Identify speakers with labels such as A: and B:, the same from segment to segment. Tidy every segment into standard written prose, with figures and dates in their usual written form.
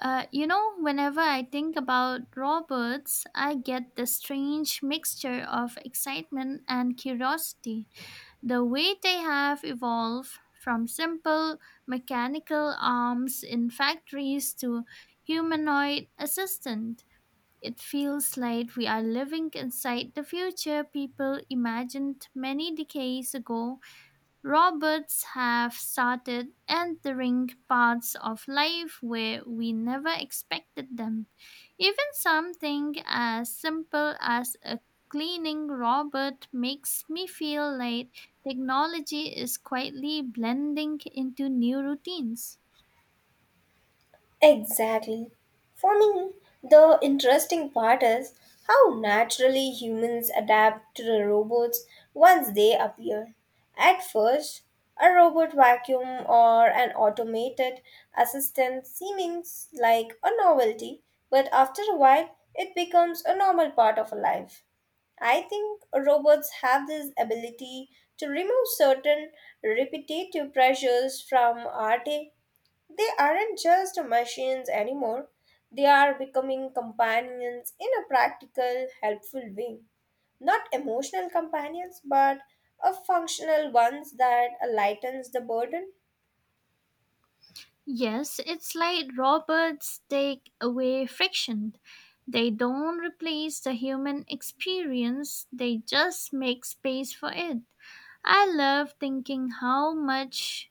A: Whenever I think about robots, I get the strange mixture of excitement and curiosity. The way they have evolved from simple mechanical arms in factories to humanoid assistant. It feels like we are living inside the future people imagined many decades ago. Robots have started entering parts of life where we never expected them. Even something as simple as a cleaning robot makes me feel like technology is quietly blending into new routines.
B: Exactly. For me, the interesting part is how naturally humans adapt to the robots once they appear. At first, a robot vacuum or an automated assistant seems like a novelty, but after a while, it becomes a normal part of life. I think robots have this ability to remove certain repetitive pressures from our day. They aren't just machines anymore, they are becoming companions in a practical, helpful way. Not emotional companions, but a functional ones that lightens the burden.
A: Yes, it's like robots take away friction. They don't replace the human experience, they just make space for it. I love thinking how much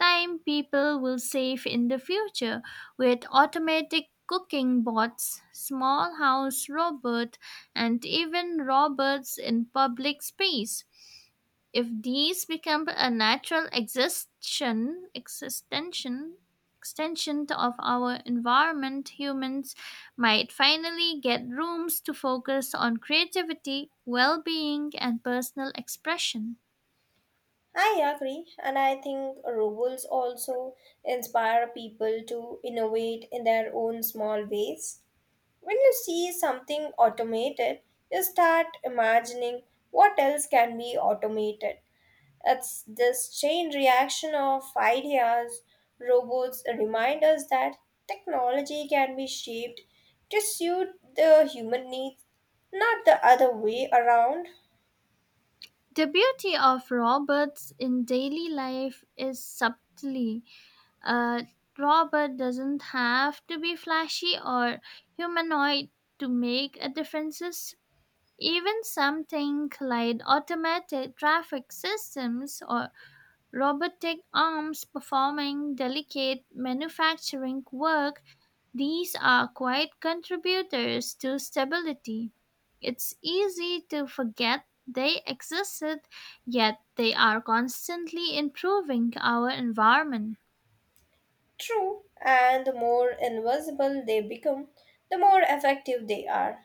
A: time people will save in the future with automatic cooking bots, small house robots, and even robots in public space. If these become a natural existential extension of our environment, humans might finally get rooms to focus on creativity, well being, and personal expression.
B: I agree, and I think robots also inspire people to innovate in their own small ways. When you see something automated, you start imagining what else can be automated. It's this chain reaction of ideas. Robots remind us that technology can be shaped to suit the human needs, not the other way around.
A: The beauty of robots in daily life is subtly. A robot doesn't have to be flashy or humanoid to make a difference. Even something like automated traffic systems or robotic arms performing delicate manufacturing work, these are quiet contributors to stability. It's easy to forget they existed, yet they are constantly improving our environment.
B: True, and the more invisible they become, the more effective they are.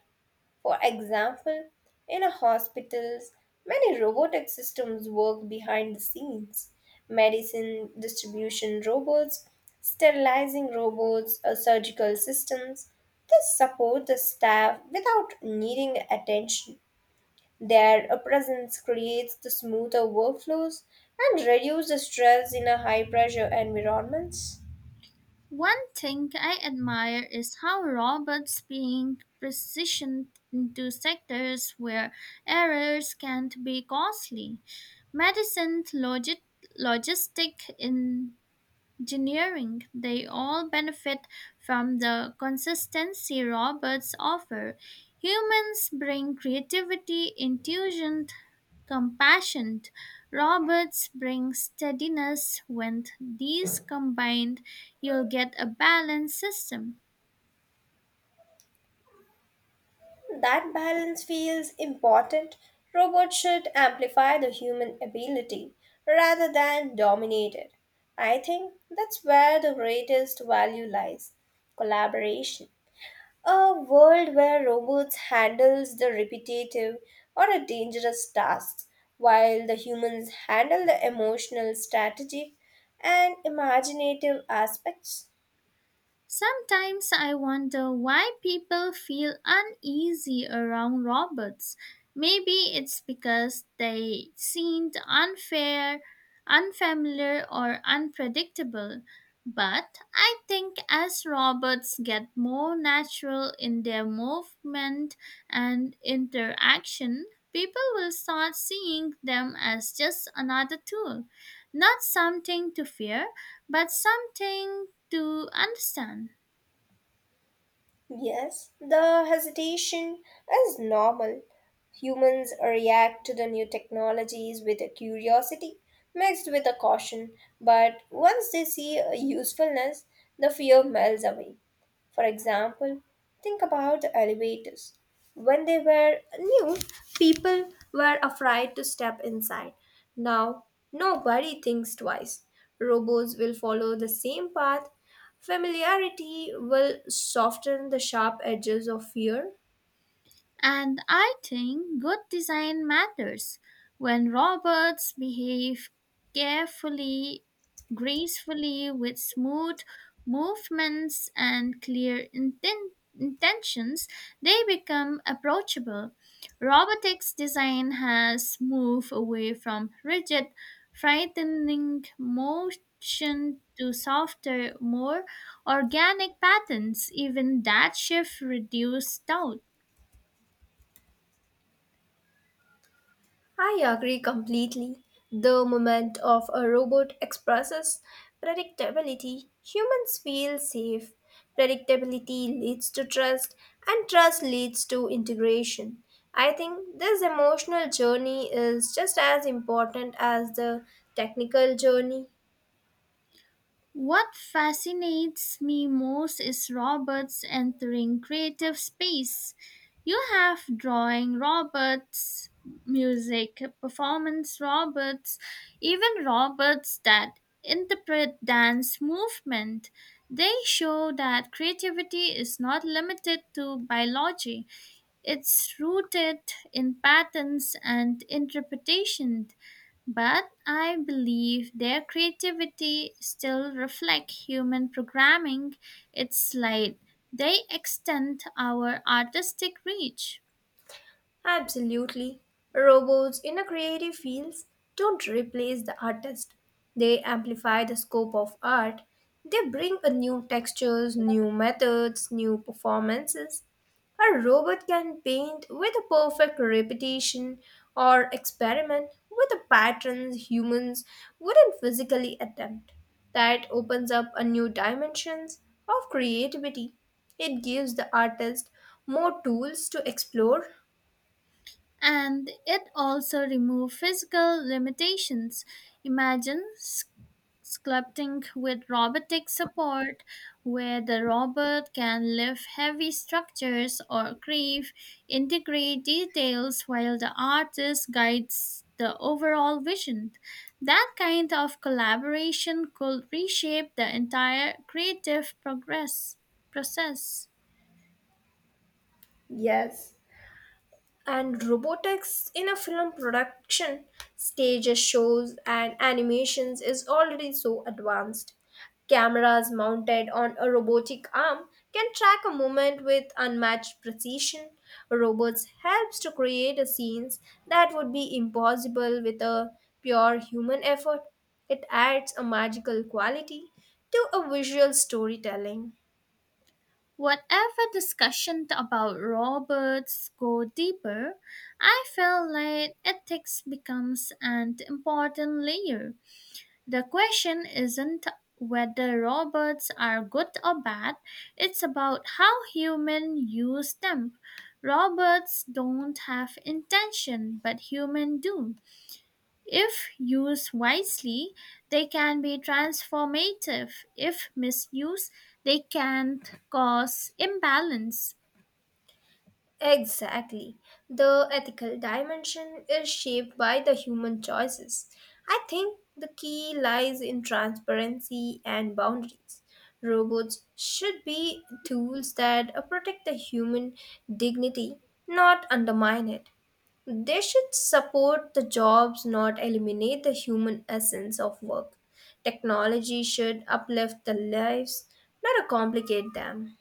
B: For example, in a hospitals, many robotic systems work behind the scenes. Medicine distribution robots, sterilizing robots, or surgical systems. They support the staff without needing attention. Their presence creates the smoother workflows and reduces the stress in a high pressure environments.
A: One thing I admire is how robots being precisioned into sectors where errors can't be costly. Medicine, logistic, in engineering, they all benefit from the consistency robots offer. Humans bring creativity, intuition, compassion. Robots bring steadiness. When these combined, you'll get a balanced system.
B: That balance feels important. Robots should amplify the human ability rather than dominate it. I think that's where the greatest value lies collaboration. A world where robots handles the repetitive or a dangerous tasks while the humans handle the emotional strategic and imaginative aspects.
A: Sometimes I wonder why people feel uneasy around robots. Maybe it's because they seemed unfair, unfamiliar, or unpredictable. But I think as robots get more natural in their movement and interaction, people will start seeing them as just another tool, not something to fear, but something to understand.
B: Yes, the hesitation is normal. Humans react to the new technologies with a curiosity mixed with a caution, but once they see a usefulness, the fear melts away. For example, think about the elevators. When they were new, people were afraid to step inside. Now, nobody thinks twice. Robots will follow the same path. Familiarity will soften the sharp edges of fear.
A: And I think good design matters. When robots behave carefully, gracefully, with smooth movements and clear intentions, they become approachable. Robotics design has moved away from rigid, frightening motion to softer, more organic patterns. Even that shift reduced doubt.
B: I agree completely. The moment of a robot expresses predictability, humans feel safe. Predictability leads to trust, and trust leads to integration. I think this emotional journey is just as important as the technical journey.
A: What fascinates me most is Robert's entering creative space. You have drawing Roberts, music, performance Roberts, even Roberts that interpret dance movement. They show that creativity is not limited to biology, it's rooted in patterns and interpretation. But I believe their creativity still reflects human programming. It's like they extend our artistic reach.
B: Absolutely. Robots in a creative fields don't replace the artist. They amplify the scope of art. They bring a new textures, new methods, new performances. A robot can paint with a perfect repetition or experiment with the patterns humans wouldn't physically attempt. That opens up a new dimensions of creativity. It gives the artist more tools to explore.
A: And it also removed physical limitations. Imagine sculpting with robotic support, where the robot can lift heavy structures or carve intricate details while the artist guides the overall vision. That kind of collaboration could reshape the entire creative progress process.
B: Yes, and robotics in a film production, stages, shows, and animations is already so advanced. Cameras mounted on a robotic arm can track a movement with unmatched precision. Robots helps to create a scenes that would be impossible with a pure human effort. It adds a magical quality to a visual storytelling.
A: Whatever discussion about robots go deeper, I feel like ethics becomes an important layer. The question isn't whether robots are good or bad, it's about how humans use them. Robots don't have intention, but humans do. If used wisely, they can be transformative. If misused, they can cause imbalance.
B: Exactly. The ethical dimension is shaped by the human choices. I think the key lies in transparency and boundaries. Robots should be tools that protect the human dignity, not undermine it. They should support the jobs, not eliminate the human essence of work. Technology should uplift the lives, not complicate them.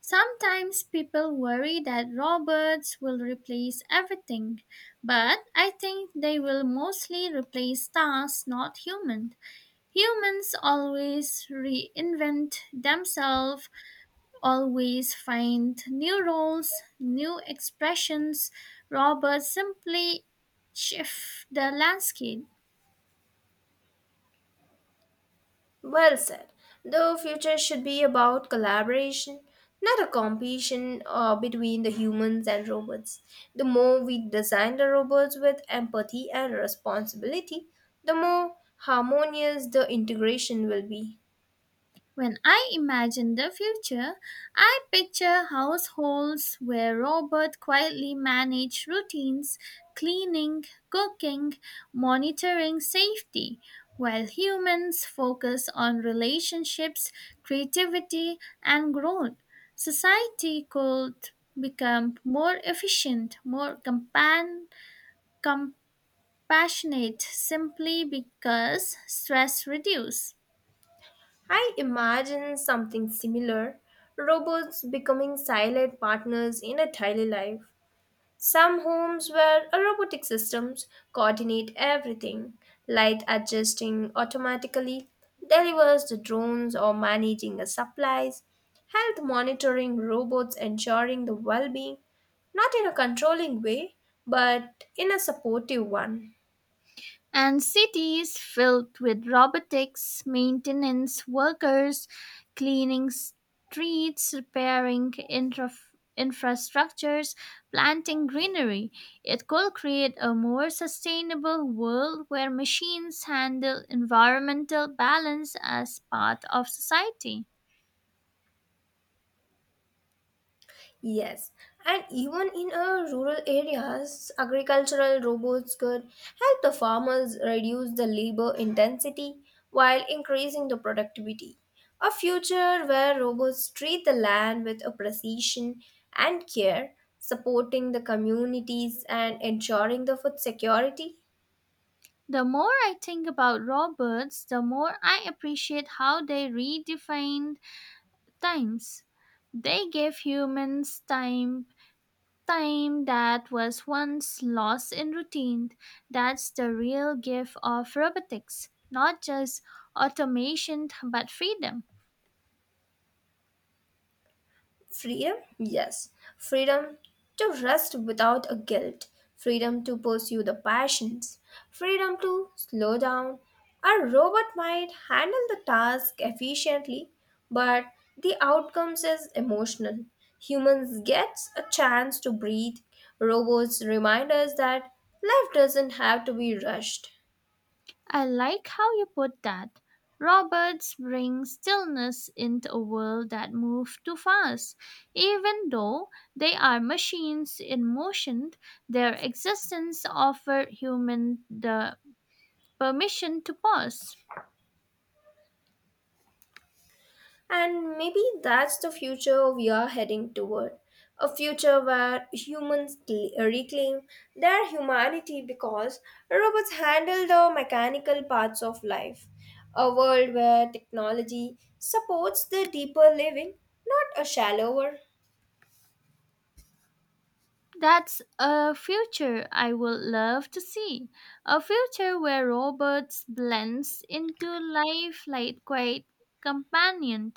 A: Sometimes people worry that robots will replace everything, but I think they will mostly replace tasks, not humans. Humans always reinvent themselves, always find new roles, new expressions. Robots simply shift the landscape.
B: Well said. The future should be about collaboration, not a competition between the humans and robots. The more we design the robots with empathy and responsibility, the more harmonious the integration will be.
A: When I imagine the future, I picture households where robots quietly manage routines, cleaning, cooking, monitoring safety, while humans focus on relationships, creativity, and growth. Society could become more efficient, more compassionate simply because stress reduces.
B: I imagine something similar robots becoming silent partners in a daily life. Some homes where a robotic systems coordinate everything, light adjusting automatically, delivers the drones or managing the supplies, health monitoring robots ensuring the well-being, not in a controlling way, but in a supportive one.
A: And cities filled with robotics, maintenance workers, cleaning streets, repairing infrastructures, planting greenery. It could create a more sustainable world where machines handle environmental balance as part of society.
B: Yes, and even in rural areas, agricultural robots could help the farmers reduce the labor intensity while increasing the productivity. A future where robots treat the land with a precision and care, supporting the communities and ensuring the food security.
A: The more I think about robots, the more I appreciate how they redefined times. They gave humans time. Time that was once lost in routine. That's the real gift of robotics, not just automation but freedom.
B: Freedom? Yes. Freedom to rest without a guilt. Freedom to pursue the passions. Freedom to slow down. A robot might handle the task efficiently, but the outcomes is emotional. Humans gets a chance to breathe. Robots remind us that life doesn't have to be rushed.
A: I like how you put that. Robots bring stillness into a world that moves too fast. Even though they are machines in motion, their existence offers humans the permission to pause.
B: And maybe that's the future we are heading toward a future where humans reclaim their humanity because robots handle the mechanical parts of life. A world where technology supports the deeper living, not a shallower.
A: That's a future I would love to see. A future where robots blends into life like quite companion,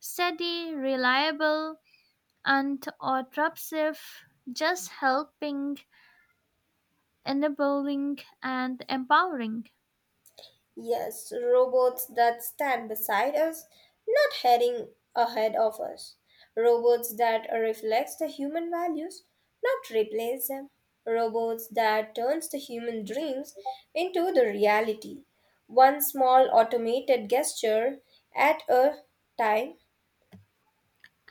A: steady, reliable, and autopsive, just helping, enabling, and empowering.
B: Yes, robots that stand beside us, not heading ahead of us. Robots that reflects the human values, not replace them. Robots that turns the human dreams into the reality. One small automated gesture at a time.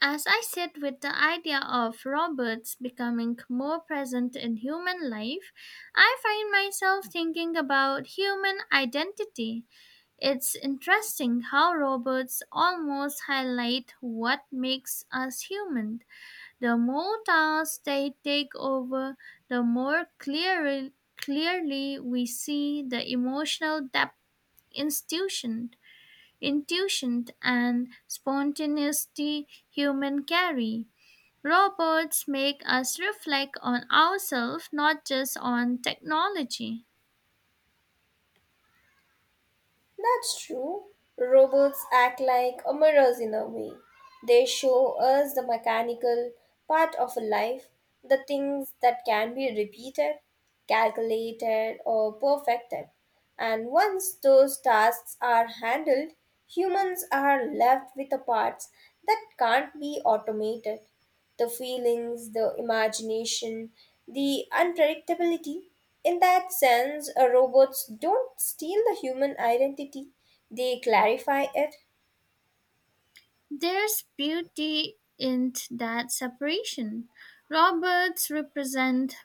A: As I sit with the idea of robots becoming more present in human life, I find myself thinking about human identity. It's interesting how robots almost highlight what makes us human. The more tasks they take over, the clearly we see the emotional depth, institution, intuition, and spontaneity human carry. Robots make us reflect on ourselves, not just on technology.
B: That's true. Robots act like a mirrors in a way. They show us the mechanical part of a life, the things that can be repeated, calculated, or perfected. And once those tasks are handled, humans are left with the parts that can't be automated the feelings, the imagination, the unpredictability. In that sense, robots don't steal the human identity, they clarify it.
A: There's beauty in that separation. Robots represent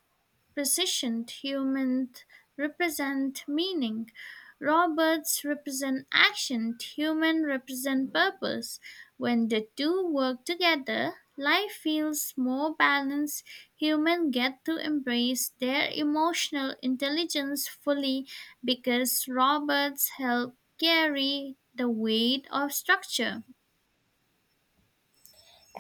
A: precision, humans represent meaning. Robots represent action, humans represent purpose. When the two work together, life feels more balanced. Humans get to embrace their emotional intelligence fully because robots help carry the weight of structure.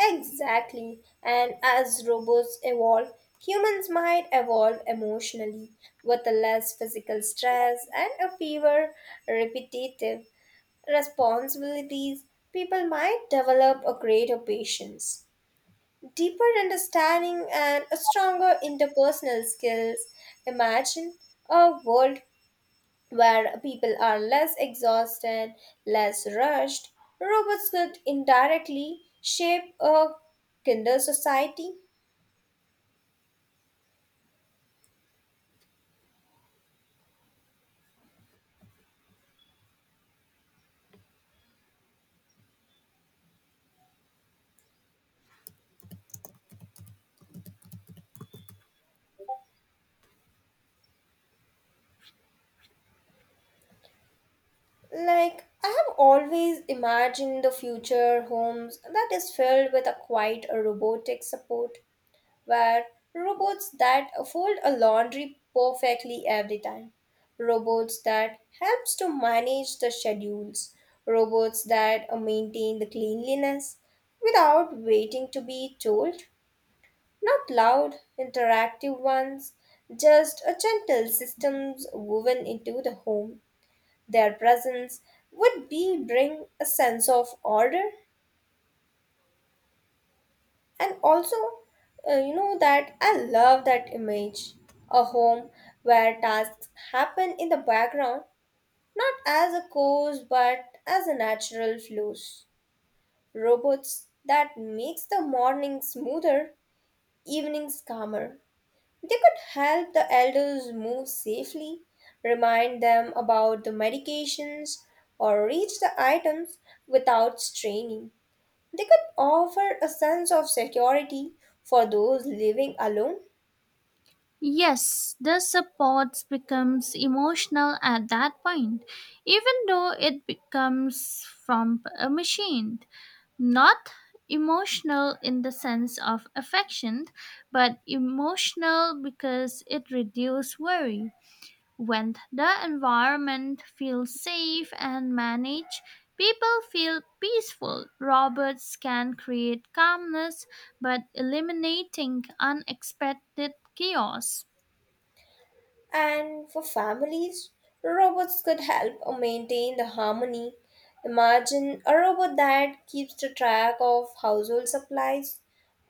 B: Exactly. And as robots evolve, humans might evolve emotionally with a less physical stress and a fewer repetitive responsibilities. People might develop a greater patience, deeper understanding and a stronger interpersonal skills. Imagine a world where people are less exhausted, less rushed. Robots could indirectly shape a kinder society. Like, I have always imagined the future homes that is filled with a quiet robotic support were robots that fold a laundry perfectly every time, robots that helps to manage the schedules, robots that maintain the cleanliness without waiting to be told, not loud, interactive ones, just a gentle systems woven into the home. Their presence would be bring a sense of order. And also, you know that I love that image a home where tasks happen in the background, not as a cause but as a natural flows. Robots that makes the morning smoother, evenings calmer. They could help the elders move safely, remind them about the medications, or reach the items without straining. They could offer a sense of security for those living alone,
A: Yes, the support becomes emotional at that point, even though it becomes from a machine. Not emotional in the sense of affection, but emotional because it reduces worry. When the environment feels safe and managed, people feel peaceful. Robots can create calmness, but eliminating unexpected chaos.
B: and for families, robots could help maintain the harmony. Imagine a robot that keeps the track of household supplies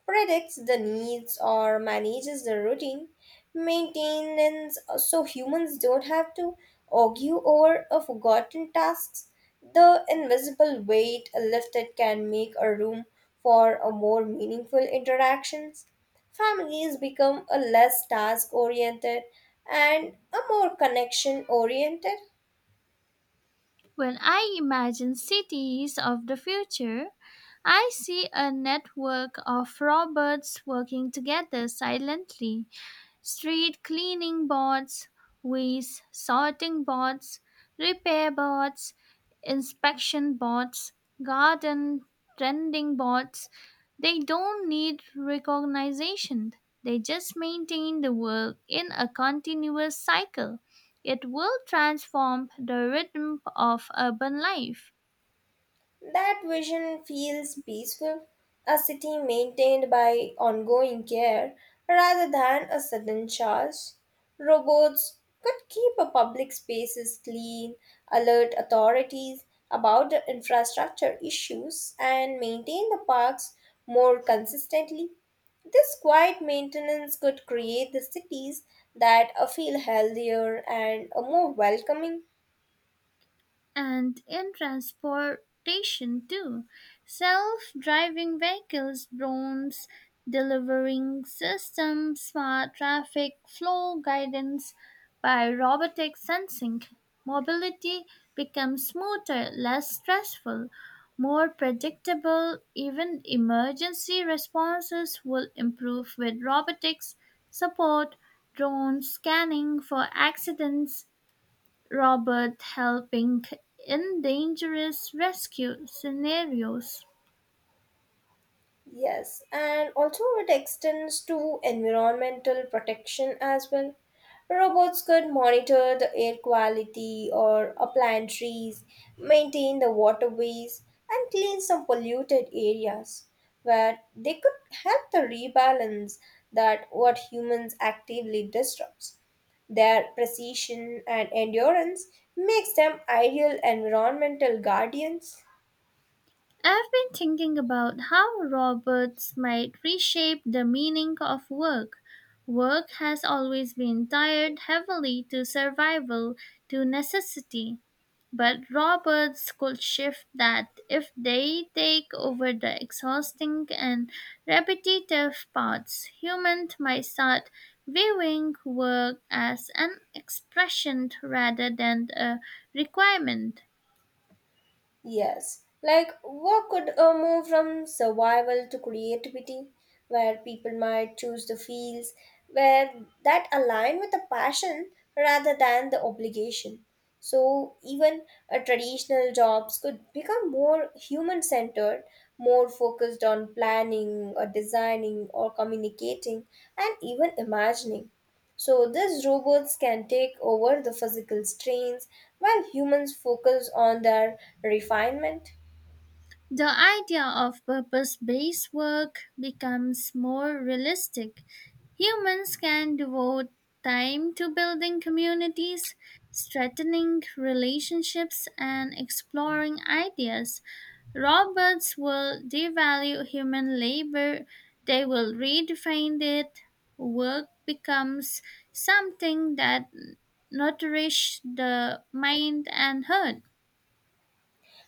B: predicts the needs or manages the routine maintenance so humans don't have to argue over a forgotten tasks. The invisible weight lifted can make a room for a more meaningful interactions. Families become a less task oriented and a more connection oriented.
A: When I imagine cities of the future, I see a network of robots working together silently, street cleaning bots, waste sorting bots, repair bots, inspection bots, garden tending bots. They don't need recognition. They just maintain the world in a continuous cycle. It will transform the rhythm of urban life.
B: That vision feels peaceful, a city maintained by ongoing care rather than a sudden charge. Robots could keep a public spaces clean, alert authorities about the infrastructure issues, and maintain the parks more consistently. This quiet maintenance could create the cities that feel healthier and more welcoming.
A: And in transportation too. Self-driving vehicles, drones, delivering systems, smart traffic flow guidance by robotic sensing. Mobility becomes smoother, less stressful, more predictable. Even emergency responses will improve with robotics support, drone scanning for accidents, Robert helping in dangerous rescue scenarios.
B: Yes, and also it extends to environmental protection as well. Robots could monitor the air quality or plant trees, maintain the waterways, and clean some polluted areas where they could help the rebalance that what humans actively disrupts. Their precision and endurance makes them ideal environmental guardians.
A: I've been thinking about how robots might reshape the meaning of work. Work has always been tied heavily to survival, to necessity. But robots could shift that if they take over the exhausting and repetitive parts. Humans might start viewing work as an expression rather than a requirement.
B: Yes, like work could move from survival to creativity, where people might choose the fields where that align with the passion rather than the obligation. So even traditional jobs could become more human-centered, more focused on planning or designing or communicating and even imagining. So, these robots can take over the physical strains while humans focus on their refinement.
A: The idea of purpose based work becomes more realistic. Humans can devote time to building communities, strengthening relationships, and exploring ideas. Robots will devalue human labor, they will redefine it. Work becomes something that nourishes the mind and heart.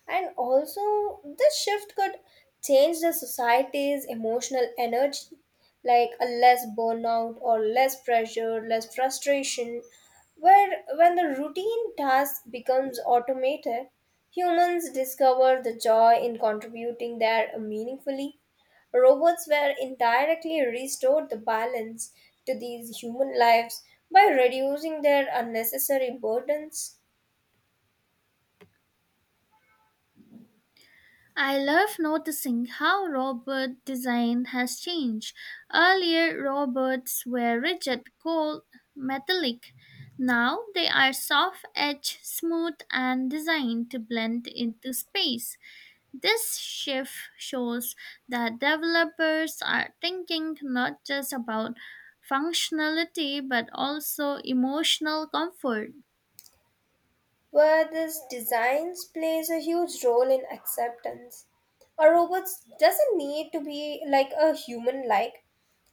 B: And also, this shift could change the society's emotional energy, like a less burnout or less pressure, less frustration. Where when the routine task becomes automated, humans discover the joy in contributing there meaningfully. Robots were indirectly restored the balance to these human lives by reducing their unnecessary burdens.
A: I love noticing how robot design has changed. Earlier, robots were rigid, cold, metallic. Now they are soft edged, smooth, and designed to blend into space. This shift shows that developers are thinking not just about functionality but also emotional comfort.
B: Where this designs plays a huge role in acceptance. A robot doesn't need to be like a human like,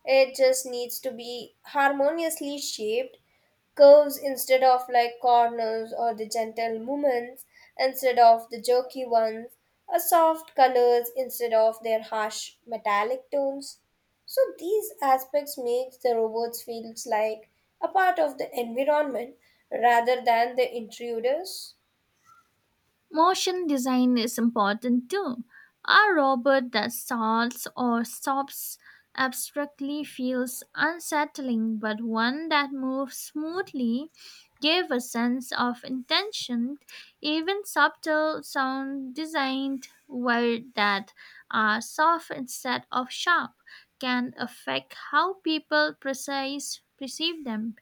B: it just needs to be harmoniously shaped curves instead of like corners or the gentle movements instead of the jerky ones, a soft colors instead of their harsh metallic tones. So these aspects make the robots feels like a part of the environment rather than the intruders.
A: Motion design is important too. A robot that starts or stops abstractly feels unsettling, but one that moves smoothly gave a sense of intention. Even subtle sound designed words that are soft instead of sharp can affect how people precise perceive them.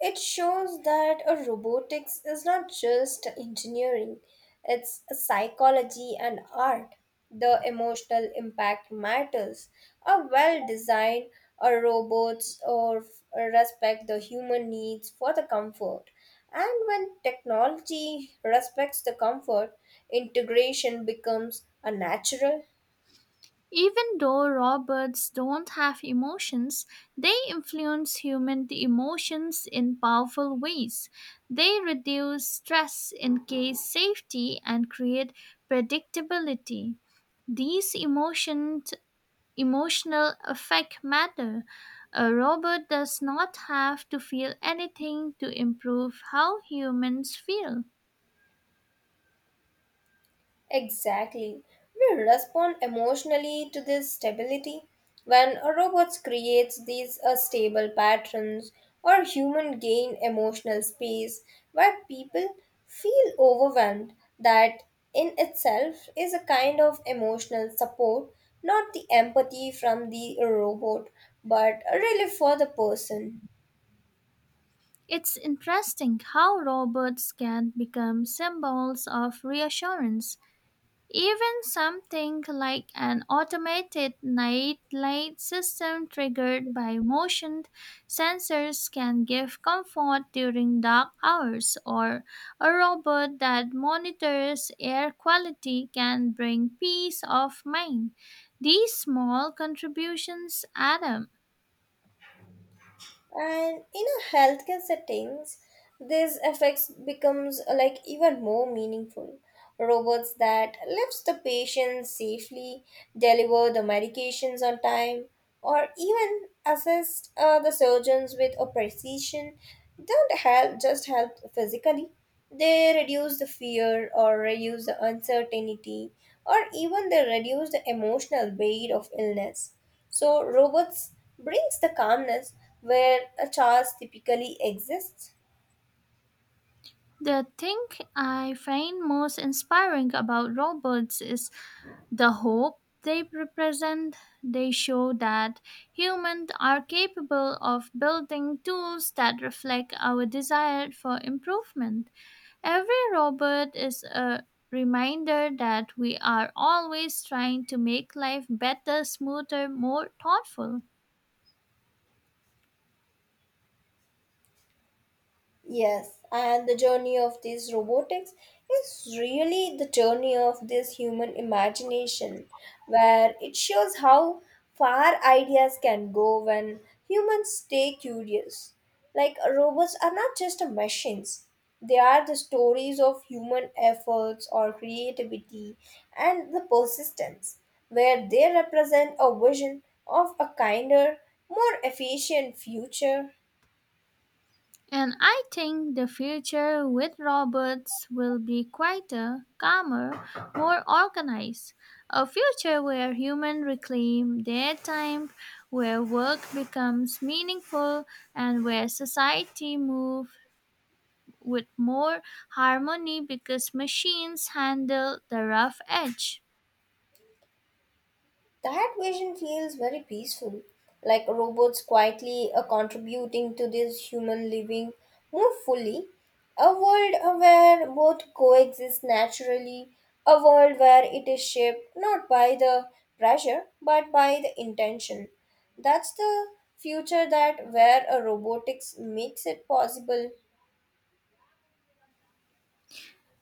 B: It shows that a robotics is not just engineering, it's a psychology and art. The emotional impact matters. A well designed a robots or f- respect the human needs for the comfort. And when technology respects the comfort, integration becomes a natural.
A: Even though raw birds don't have emotions, they influence human emotions in powerful ways. They reduce stress, increase safety, and create predictability. These emotions, emotional effect matter. A robot does not have to feel anything to improve how humans feel.
B: Exactly. We respond emotionally to this stability. When a robot creates these stable patterns, or human gain emotional space where people feel overwhelmed, that in itself is a kind of emotional support, not the empathy from the robot, but a relief for the person.
A: It's interesting how robots can become symbols of reassurance. Even something like an automated night light system triggered by motion sensors can give comfort during dark hours, or a robot that monitors air quality can bring peace of mind. These small contributions add up.
B: And in a healthcare settings, this effects becomes like even more meaningful. Robots that lifts the patient safely, deliver the medications on time, or even assist the surgeons with a precision don't help just help physically. They reduce the fear or reduce the uncertainty or even they reduce the emotional weight of illness so robots brings the calmness where a chaos typically exists.
A: The thing I find most inspiring about robots is the hope they represent, they show that humans are capable of building tools that reflect our desire for improvement. Every robot is a reminder that we are always trying to make life better, smoother, more thoughtful.
B: Yes, and the journey of this robotics is really the journey of this human imagination, where it shows how far ideas can go when humans stay curious. Like robots are not just machines, they are the stories of human efforts or creativity and the persistence, where they represent a vision of a kinder, more efficient future.
A: And I think the future with robots will be quieter, calmer, more organized. A future where humans reclaim their time, where work becomes meaningful, and where society moves with more harmony because machines handle the rough edge.
B: That vision feels very peaceful, like robots quietly contributing to this human living more fully. A world where both coexist naturally, a world where it is shaped not by the pressure but by the intention. That's the future that where a robotics makes it possible.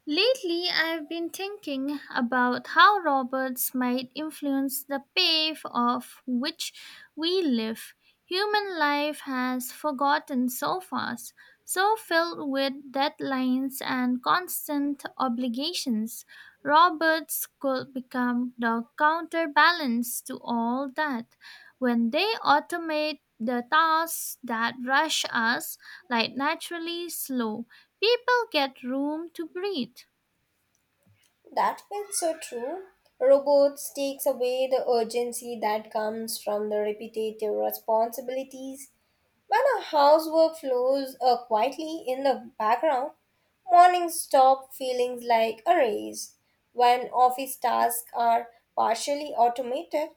A: Lately, I've been thinking about how robots might influence the pace of which we live. Human life has forgotten so fast, so filled with deadlines and constant obligations. Robots could become the counterbalance to all that. When they automate the tasks that rush us, like naturally slow, people get room to breathe,
B: That feels so true. Robots takes away the urgency that comes from the repetitive responsibilities. When our housework flows quietly in the background, mornings stop feeling like a race. When office tasks are partially automated,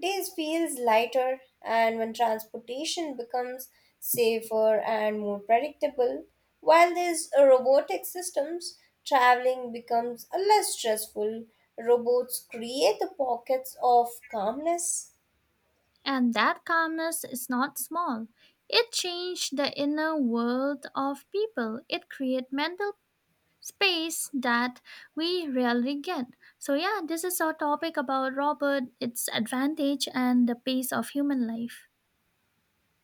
B: days feels lighter, and when transportation becomes safer and more predictable, while these robotic systems, traveling becomes less stressful. Robots create the pockets of calmness.
A: and that calmness is not small. It changed the inner world of people. It creates mental space that we rarely get. So yeah, this is our topic about Robert, its advantage and the pace of human life.